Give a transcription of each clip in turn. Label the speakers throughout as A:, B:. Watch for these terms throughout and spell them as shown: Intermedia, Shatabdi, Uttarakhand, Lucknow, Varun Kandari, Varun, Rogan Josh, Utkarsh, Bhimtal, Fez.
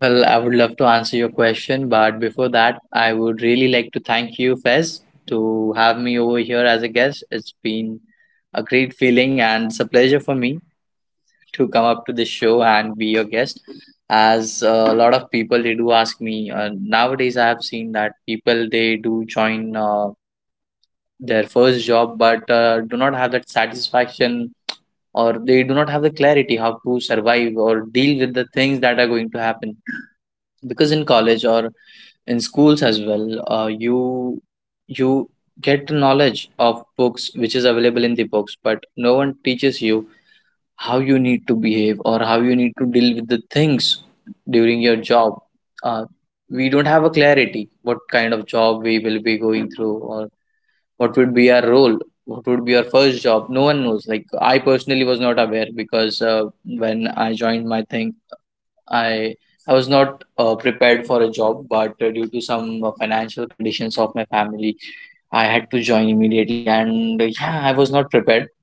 A: Well, I would love to answer your question, but before that, I would really like to thank you, Fez, to have me over here as a guest. It's been a great feeling and it's a pleasure for me to come up to this show and be your guest. As a lot of people they do ask me nowadays, I have seen that people they do join their first job, but do not have that satisfaction or they do not have the clarity how to survive or deal with the things that are going to happen because in college or in schools as well uh, you you get the knowledge of books which is available in the books, but no one teaches you how you need to behave or how you need to deal with the things during your job. uh, we don't have a clarity what kind of job we will be going through, or what would be our role, what would be our first job. No one knows. Like I personally was not aware because when i joined my thing I I was not prepared for a job, but due to some financial conditions of my family, I had to join immediately. And yeah, I was not prepared,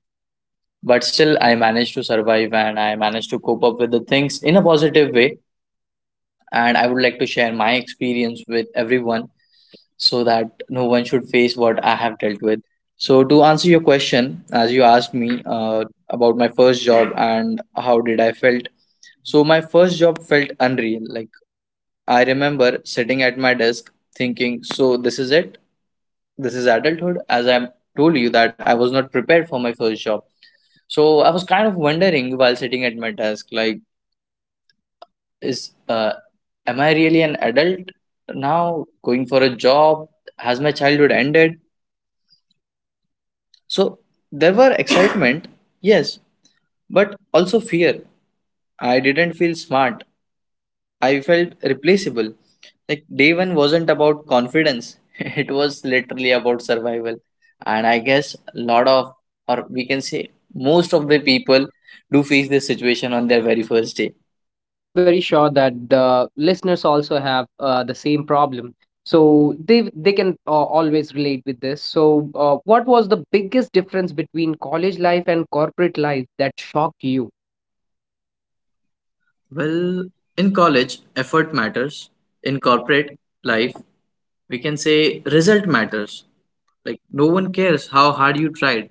A: but still, I managed to survive and I managed to cope up with the things in a positive way. And I would like to share my experience with everyone so that no one should face what I have dealt with. So, to answer your question, as you asked me about my first job and how did I felt, so my first job felt unreal. Like I remember sitting at my desk thinking, so this is it? This is adulthood? As I told you that I was not prepared for my first job. So I was kind of wondering while sitting at my desk, like, is am I really an adult now going for a job? Has my childhood ended? So there were excitement, yes, but also fear. I didn't feel smart. I felt replaceable. Like day one wasn't about confidence. It was literally about survival. And I guess a lot of, or we can say most of the people do face this situation on their very first day.
B: I'm very sure that the listeners also have the same problem, so they can always relate with this. So, what was the biggest difference between college life and corporate life that shocked you?
A: Well, in college, effort matters. In corporate life, we can say result matters. Like no one cares how hard you tried,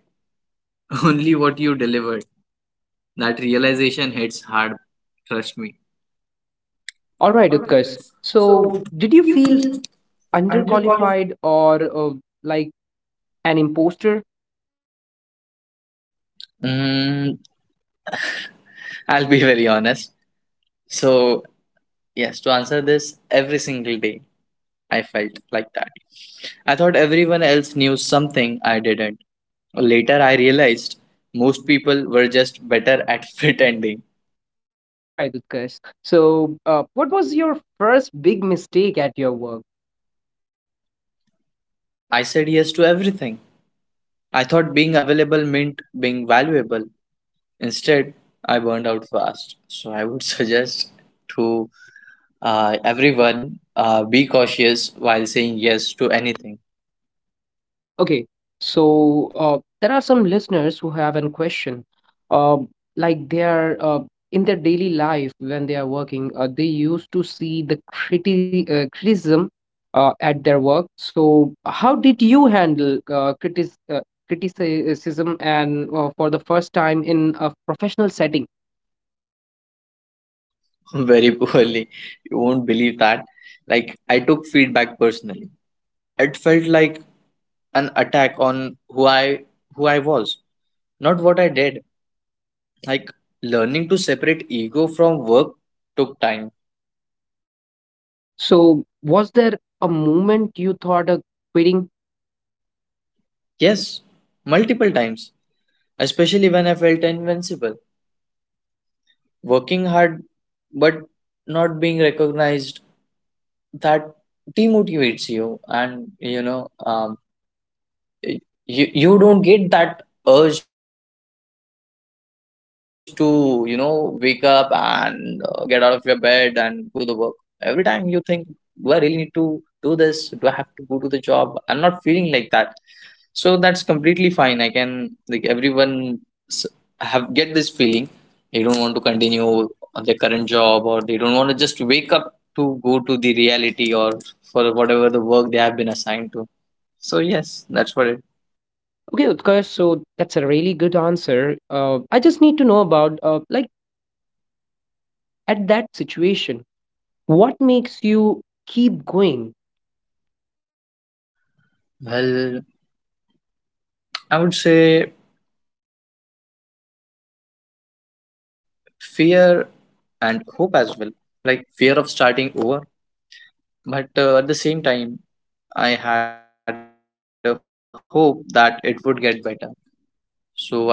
A: only what you delivered. That realization hits hard, trust me.
B: All right, Utkarsh. So, did you feel underqualified or like an imposter?
A: Mm, I'll be very honest. So, yes, to answer this, every single day I felt like that. I thought everyone else knew something I didn't. Later, I realized most people were just better at pretending.
B: All right, Utkarsh. So, what was your first big mistake at your work?
A: I said yes to everything. I thought being available meant being valuable. Instead, I burned out fast. So, I would suggest to everyone be cautious while saying yes to anything.
B: Okay, so there are some listeners who have a question. Uh, like they are in their daily life when they are working, they used to see the criticism at their work. So, how did you handle criticism and for the first time in a professional setting?
A: Very poorly. You won't believe that. Like I took feedback personally. It felt like an attack on who I was, not what I did. Like learning to separate ego from work took time.
B: So, was there a moment you thought of quitting?
A: Yes, multiple times, especially when I felt invincible. Working hard but not being recognized, that demotivates you, and y- you don't get that urge to you know wake up and get out of your bed and go to the work. Every time you think, do I really need to do this? Do I have to go to the job? I'm not feeling like that. So that's completely fine. I can like Everyone s- have get this feeling, they don't want to continue on their current job, or they don't want to just wake up to go to the reality, or for whatever the work they have been assigned to. So yes, that's what it.
B: Okay, Utkarsh, so that's a really good answer. I just need to know about like at that situation what makes you keep going.
A: Well, I would say fear and hope as well. Like fear of starting over, but at the same time, I had a hope that it would get better. So I would say fear and hope, both were the things.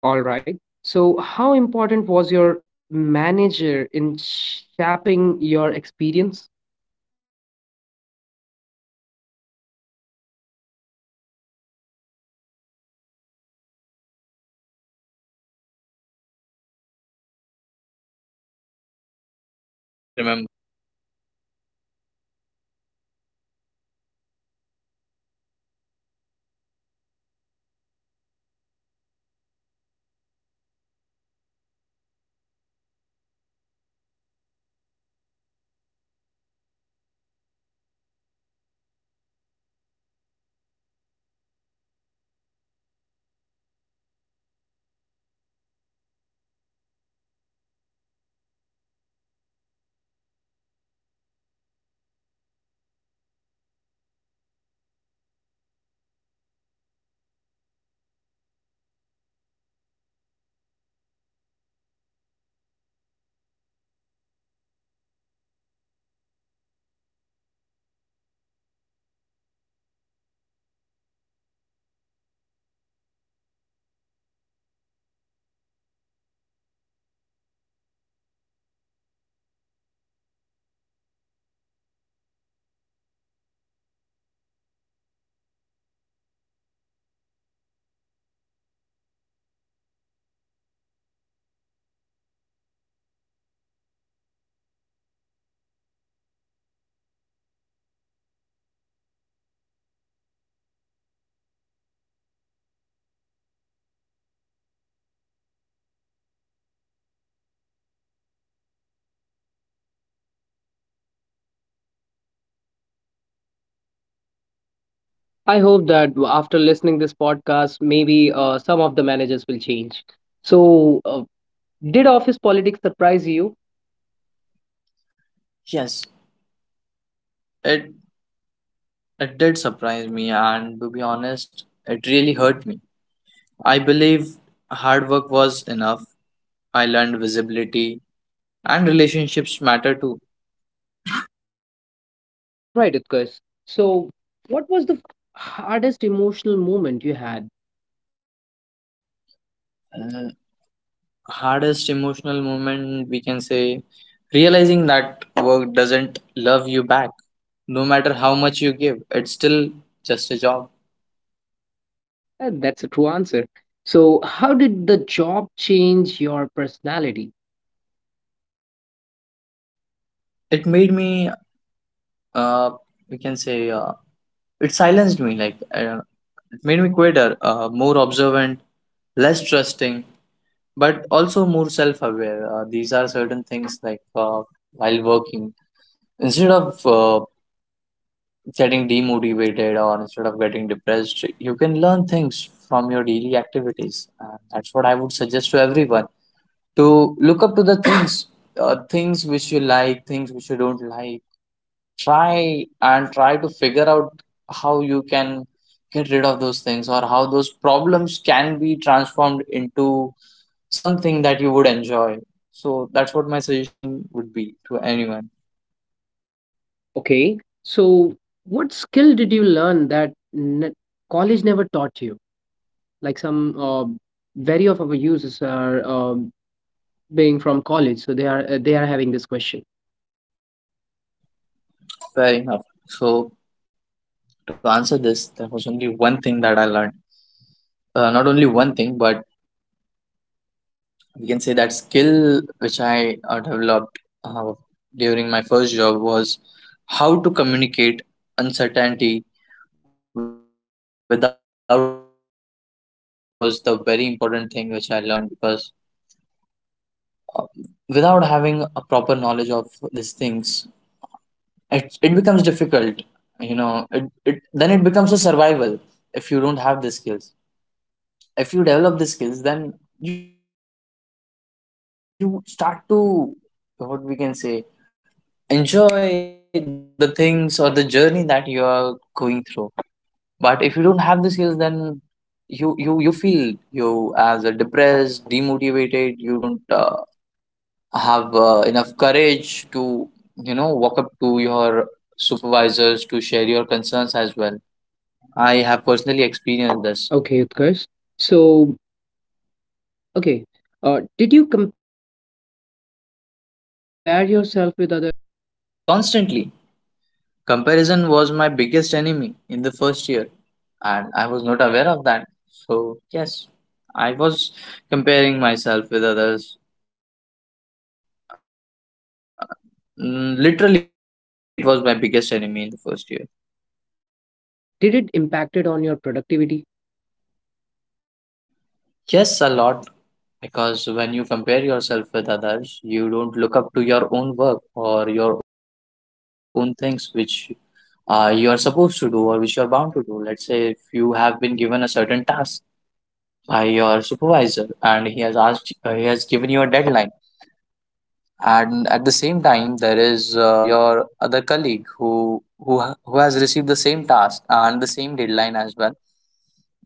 B: All right, so how important was your manager in shaping
A: Everything.
B: your
A: A
B: experience?
A: good manager teaches, a bad one traumatizes. Unfortunately, most first jobs teach resilience the hard way. And during my first job, I still remember we had a very less interaction with our manager, wherein we only had interaction with our team leaders, as we whom we call as supervisors as well. So we mostly used to reach out to our supervisors for any of our concerns, or if there is anything that we have done bad, or if there is any feedback for us, or if there is something that we have done exceptionally well. So it was the team leader who used to reach out to us to share those things. But we barely had discussions with the manager. But certainly, yeah, there were a point when I was feeling too demotivated and I was about to quit my first job. Uh, and I informed my team leader that I want to resign. So he shared this information with the manager that Utkarsh wants to resign his job, and these are the reasons. So the manager called me in his cabin and asked me, and we had a one-on-one session where he asked me what issues I'm facing, what's the thing that I'm dealing with. So I explained him about all the situations and scenarios, about the difficulties. That was a point when I firstly had a clear and a proper interaction with my manager, and by the time, I was not aware he is such an understanding person. But yes, when we had that one on one session, he explained everything to me in very detail, which, you know, cleared a lot of pictures in my mind. So, yes, that's what is.
B: I hope that after listening this podcast, maybe some of the managers will change. So, did office politics surprise you?
A: Yes, it, it did surprise me. And to be honest, it really hurt me. I believe hard work was enough. I learned visibility and relationships matter too.
B: All right, Utkarsh. So, what was the hardest emotional moment you had?
A: Hardest emotional moment, we can say, realizing that work doesn't love you back. No matter how much you give, it's still just a job.
B: That's a true answer. So, how did the job change your personality?
A: It made me uh we can say it silenced me. Like it made me quieter, more observant, less trusting, but also more self-aware. These are certain things. Like while working, instead of getting demotivated or instead of getting depressed, you can learn things from your daily activities. And that's what I would suggest to everyone, to look up to the things. Things which you like, things which you don't like, try to figure out how you can get rid of those things or how those problems can be transformed into something that you would enjoy. So that's what my suggestion would be to anyone.
B: Okay, so what skill did you learn that college never taught you? Like some very of our users are being from college, so they are having this question.
A: Fair enough. So to answer this, there was only one thing that I learned. Not only one thing, but we can say that skill which I developed uh, during my first job was how to communicate uncertainty without looking incompetent. That was the very important thing which I learned, because uh, without having a proper knowledge of these things, it becomes difficult. You know, it then it becomes a survival if you don't have the skills. If you develop the skills, then you start to, what we can say, enjoy the things or the journey that you are going through. But if you don't have the skills, then you feel you as a depressed, demotivated. You don't have enough courage to walk up to your supervisors to share your concerns as well. I have personally experienced this
B: Okay, Utkarsh. So okay, did you compare yourself with others?
A: constantly. Comparison was my biggest enemy in the first year. And I was not aware of that. So, yes, I was comparing myself with others. Literally, it was my biggest enemy in the first year.
B: Okay, so did it impacted on your productivity?
A: Yes, a lot, because when you compare yourself with others, you don't look up to your own work or your own things which you are supposed to do or which you are bound to do. Let's say if you have been given a certain task by your supervisor and he has asked, he has given you a deadline, and at the same time there is your other colleague who has received the same task and the same deadline as well,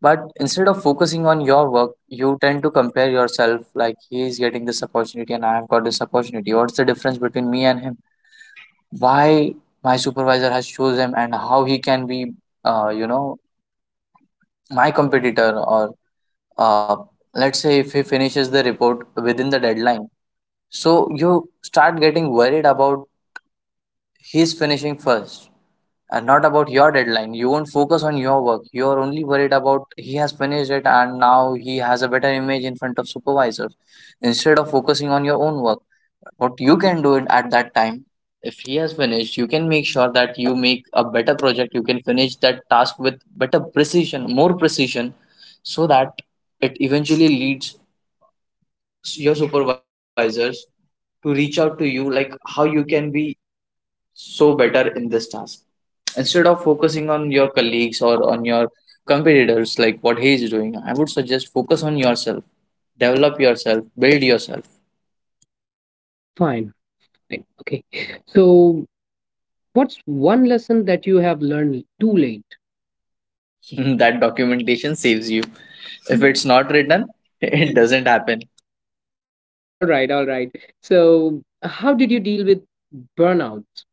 A: but instead of focusing on your work, you tend to compare yourself, like, he is getting this opportunity and I have got this opportunity. What's the difference between me and him? Why my supervisor has chose him, and how he can be uh, you know my competitor? Or uh, let's say if he finishes the report within the deadline, so you start getting worried about he's finishing first and not about your deadline. You won't focus on your work. You're only worried about he has finished it and now he has a better image in front of supervisors instead of focusing on your own work. What you can do it at that time, if he has finished, you can make sure that you make a better project. You can finish that task with better precision, more precision, so that it eventually leads your supervisors to reach out to you like how you can be so better in this task. Instead of focusing on your colleagues or on your competitors, like what he is doing, I would suggest focus on yourself, develop yourself, build yourself.
B: Fine. Fine. Okay, so what's one lesson that you have learned too late?
A: That documentation saves you. If it's not written, it doesn't happen.
B: All right, all right. So, how did you deal with burnout?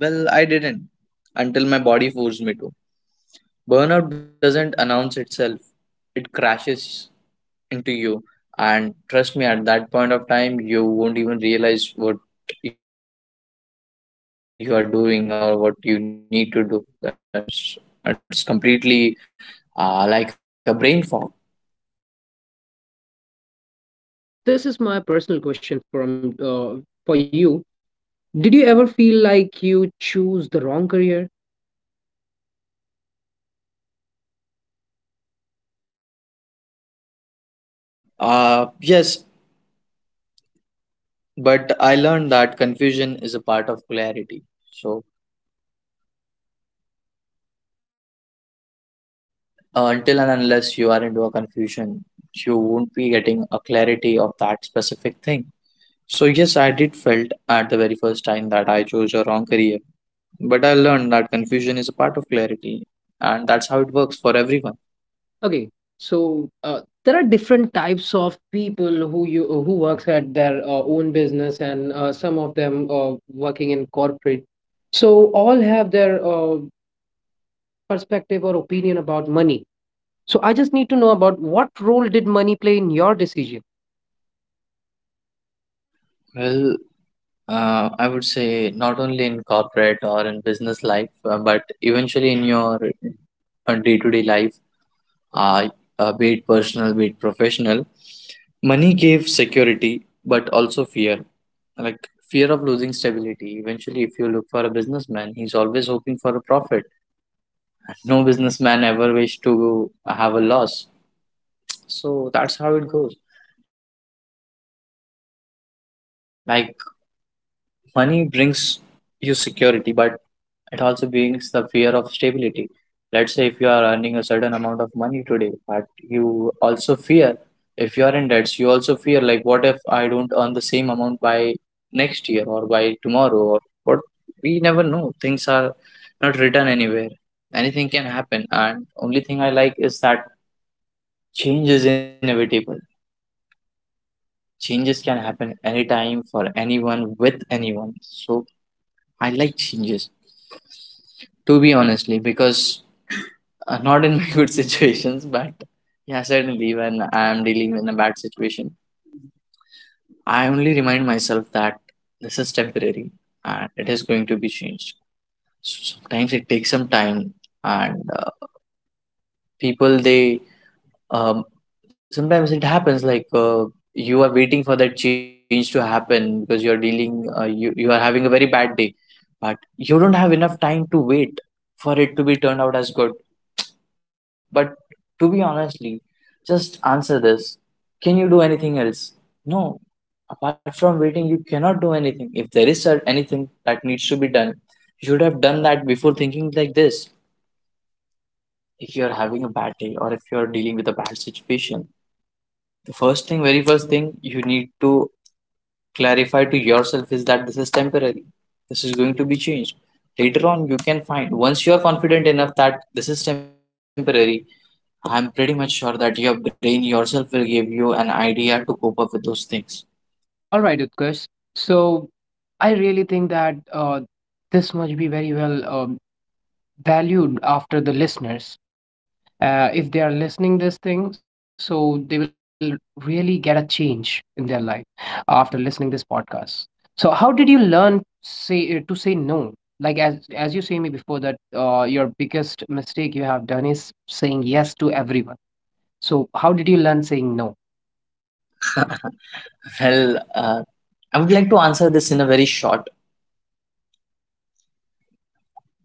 A: Well, I didn't until my body forced me to. Burnout doesn't announce itself, it crashes into you. And trust me, at that point of time, you won't even realize what you are doing or what you need to do. That's completely like a brain fog.
B: Okay, Utkarsh. So, this is my personal question from for you. Did you ever feel like you choose the wrong career? Uh, okay,
A: Yes, but I learned that confusion is a part of clarity. So until and unless you are into a confusion, you won't be getting a clarity of that specific thing. So yes, I did felt at the very first time that I chose a wrong career. But I learned that confusion is a part of clarity, and that's how it works for everyone.
B: okay. So, there are different types of people who you who works at their own business, and some of them working in corporate. So, all have their perspective or opinion about money. So I just need to know about what role did money play in your decision?
A: Well, I would say not only in corporate or in business life, but eventually in your day to day life, uh, be it personal, be it professional, money gave security, but also fear. Like fear of losing stability. Eventually, if you look for a businessman, he's always hoping for a profit. No businessman ever wish to have a loss. So that's how it goes. Like money brings you security, but it also brings the fear of stability. Let's say if you are earning a certain amount of money today, but you also fear if you are in debts, you also fear like, what if I don't earn the same amount by next year or by tomorrow or what? We never know. Things are not written anywhere. Anything can happen, and only thing I like is that change is inevitable. Changes can happen anytime for anyone with anyone, so I like changes, to be honestly, because not in my good situations, but yeah, certainly when I am dealing in a bad situation, I only remind myself that this is temporary and it is going to be changed. So sometimes it takes some time, and people they um, sometimes it happens like you are waiting for that change to happen because you are dealing, you are having a very bad day, but you don't have enough time to wait for it to be turned out as good. But to be honestly, just answer this. Can you do anything else? No. Apart from waiting, you cannot do anything. If anything that needs to be done, you should have done that before thinking like this. If you're having a bad day or if you're dealing with a bad situation, the first thing, very first thing you need to clarify to yourself is that this is temporary. This is going to be changed. Later on, you can find once you are confident enough that this is temporary, I'm pretty much sure that your brain yourself will give you an idea to cope up with those things.
B: All right, Utkarsh. So I really think that this must be very well valued after the listeners. If they are listening this thing, so they will really get a change in their life after listening this podcast. So how did you learn say to say no? Like as you say me before that your biggest mistake you have done is saying yes to everyone. So how did you learn saying no?
A: Well, I would like to answer this in a very short.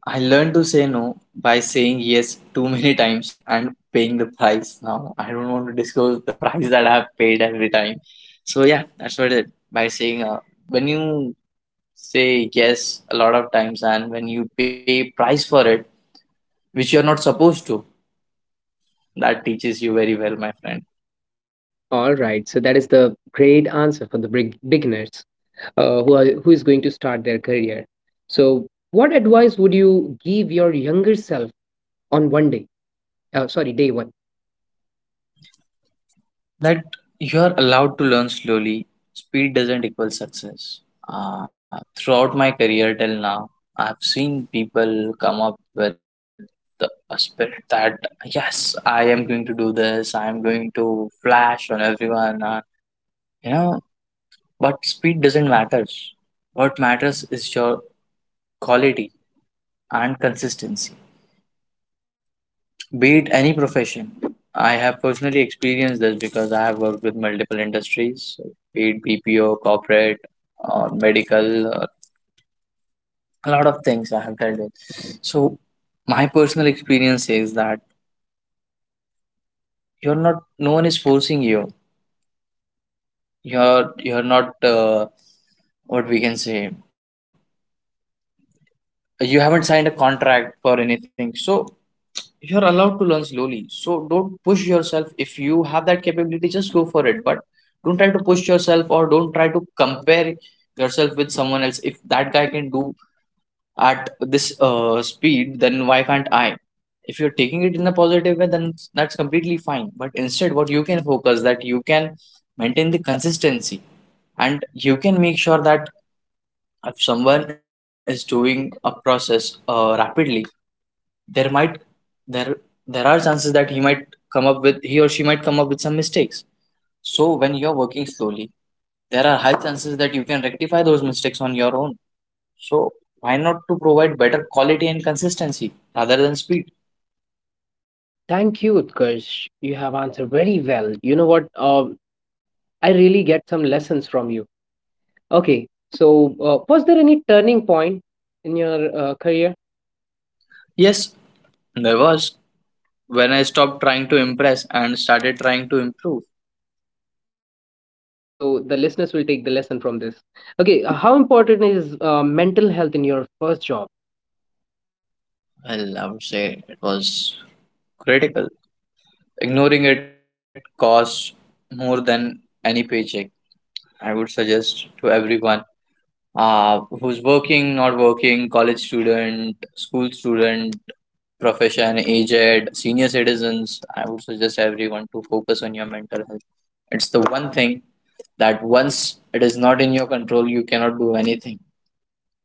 A: I learned to say no by saying yes too many times and paying the price. Now, I don't want to disclose the price that I have paid every time. So, yeah, that's what it by saying when you say yes a lot of times and when you pay price for it, which you're not supposed to, that teaches you very well, my friend.
B: All right, so that is the great answer for the big beginners who are who is going to start their career. So, what advice would you give your younger self on one day? Sorry, day one.
A: That you are allowed to learn slowly. Speed doesn't equal success. Throughout my career till now, I've seen people come up with the aspect that yes, I am going to do this. I am going to flash on everyone. You know, but speed doesn't matter. What matters is your quality and consistency. Be it any profession, I have personally experienced this because I have worked with multiple industries, so be it BPO, corporate, or medical, or a lot of things I have dealt with. So my personal experience is that you're not, no one is forcing you. You're not what we can say. You haven't signed a contract for anything, so you're allowed to learn slowly. So don't push yourself, if you have that capability just go for it, but don't try to push yourself or don't try to compare yourself with someone else. If that guy can do at this speed, then why can't I? If you're taking it in a positive way, then that's completely fine, but instead what you can focus that you can maintain the consistency, and you can make sure that if someone is doing a process rapidly, there might there there are chances that he might come up with, he or she might come up with some mistakes. So when you're working slowly, there are high chances that you can rectify those mistakes on your own. So why not to provide better quality and consistency rather than speed?
B: Thank you, Utkarsh. You have answered very well. You know what? I really get some lessons from you. Okay, so was there any turning point in your career?
A: Yes there was, when I stopped trying to impress and started trying to improve.
B: Okay, so the listeners will take the lesson from this. Okay, how important is mental health in your first job?
A: Well, I would say it was critical. Ignoring it costs more than any paycheck. I would suggest to everyone who's working, not working, college student, school student, profession, aged, senior citizens, I would suggest everyone to focus on your mental health. It's the one thing that once it is not in your control, you cannot do anything.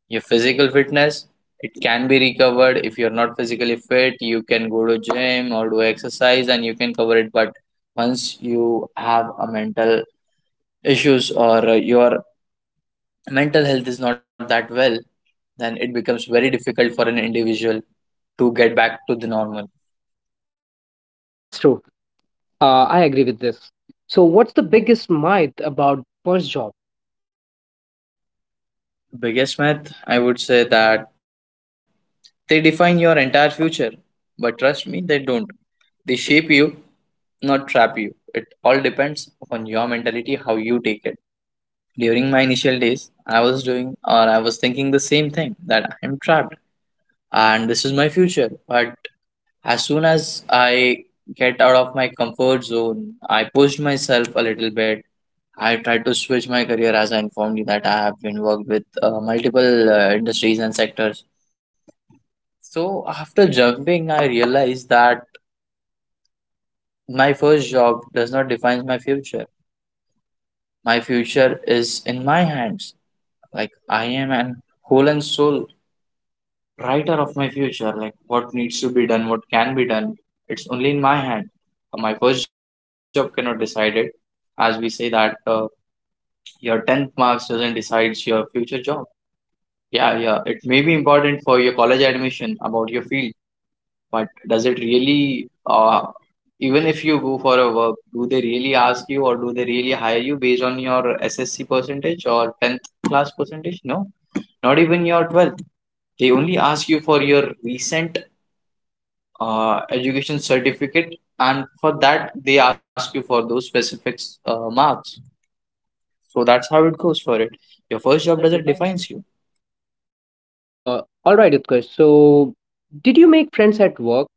A: Your physical fitness, it can be recovered. If you're not physically fit, you can go to gym or do exercise and you can cover it. But once you have a mental issues or your mental health is not that well, then it becomes very difficult for an individual to get back to the normal.
B: That's true. I agree with this. So, what's the biggest myth about first job?
A: Biggest myth, I would say that they define your entire future, but trust me, they don't. They shape you, not trap you. It all depends on your mentality, how you take it. During my initial days, I was doing or I was thinking the same thing that I'm trapped and this is my future. But as soon as I get out of my comfort zone, I pushed myself a little bit. I tried to switch my career, as I informed you that I have been worked with multiple industries and sectors. So after jumping, I realized that my first job does not define my future. My future is in my hands. Like I am an whole and soul writer of my future. Like what needs to be done, what can be done, it's only in my hand. My first job cannot decide it. As we say that your 10th marks doesn't decide your future job. Yeah, yeah, it may be important for your college admission about your field, but does it really, even if you go for a work, do they really ask you or do they really hire you based on your SSC percentage or 10th class percentage? No, not even your 12th. They only ask you for your recent education certificate, and for that, they ask you for those specific marks. So that's how it goes for it.
B: Your
A: Your
B: first
A: first
B: job
A: job
B: doesn't
A: doesn't
B: define you.
A: defines you.
B: All right, Utkarsh. So, did you make friends at work?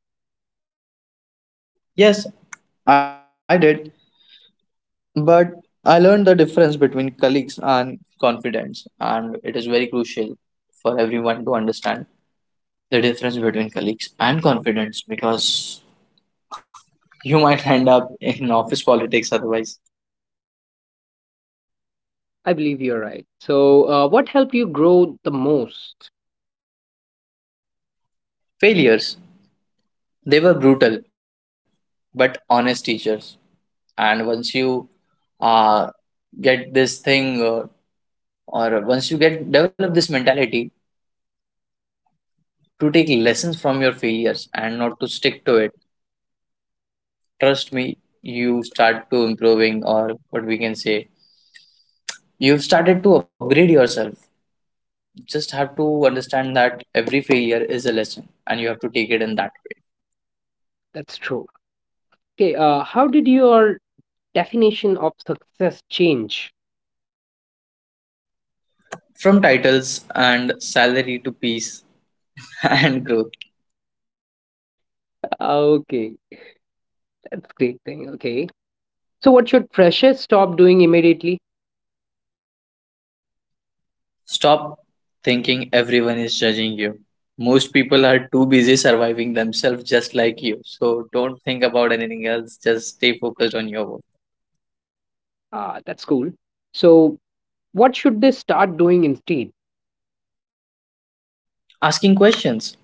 A: Yes, I did. But I learned the difference between colleagues and confidence, and it is very crucial for everyone to understand the difference between colleagues and confidence, because you might end up in office politics otherwise.
B: I believe you're right. So, what helped you grow the most?
A: Failures, they were brutal but honest teachers, and once you uh, get this thing or once you get develop this mentality to take lessons from your failures and not to stick to it, trust me, you start to improving, or what we can say, you've started to upgrade yourself. Just have to understand that every failure is a lesson and you have to take it in that way.
B: That's true. Okay. How did your definition of success change?
A: From titles and salary to peace and growth.
B: okay, that's great thing. Okay. So, what should freshers stop doing immediately?
A: Stop thinking everyone is judging you. Most people are too busy surviving themselves just like you. So don't think about anything else. Just stay focused on your work.
B: Ah, that's cool. So, what should they start doing instead?
A: Asking questions,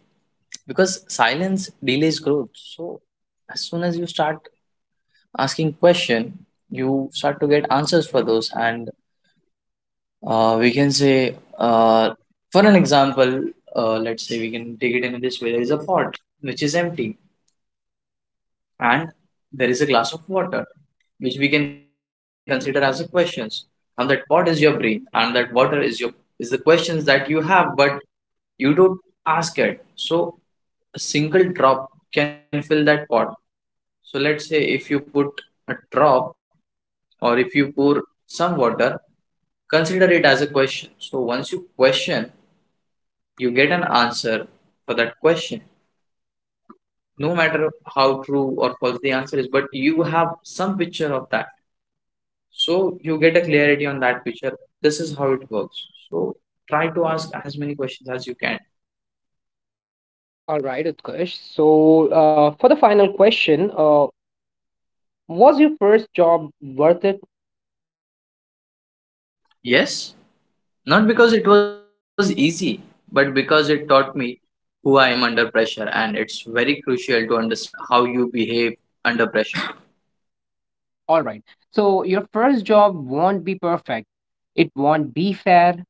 A: because silence delays growth. So as soon as you start asking question, you start to get answers for those. And we can say, for an example, let's say we can take it in this way. There is a pot which is empty. And there is a glass of water, which we can consider as a questions. And that pot is your brain, and that water is your is the questions that you have, but you don't ask it. So a single drop can fill that pot. So let's say if you put a drop or if you pour some water, consider it as a question. So once you question, you get an answer for that question. No matter how true or false the answer is, but you have some picture of that. So you get a clarity on that picture. This is how it works. So try to ask as many questions as you can.
B: All right, Utkarsh. So, for the final question, was your first job worth it?
A: Yes, not because it was easy, but because it taught me who I am under pressure, and it's very crucial to understand how you behave under pressure.
B: All right. So, your first job won't be perfect, it won't be fair,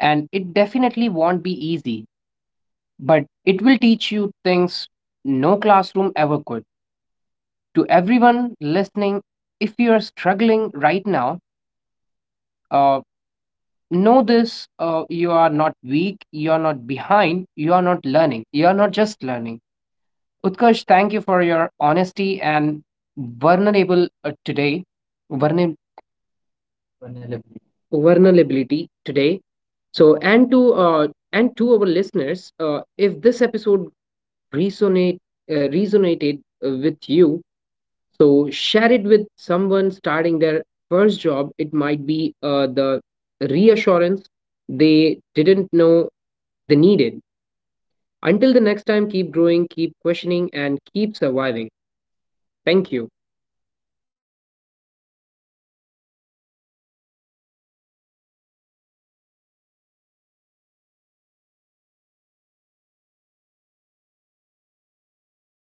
B: and it definitely won't be easy, but it will teach you things no classroom ever could. To everyone listening, if you are struggling right now, uh, know this you are not weak, you are not behind, you are not learning, you are not just learning. Utkarsh, thank you for your honesty and vulnerable today. Vulner- Vulnerability. Vulnerability today. So, and to our listeners, if this episode resonate resonated with you, so share it with someone starting their first job. It might be the reassurance they didn't know they needed. Until the next time, keep growing, keep questioning, and keep surviving. Thank you.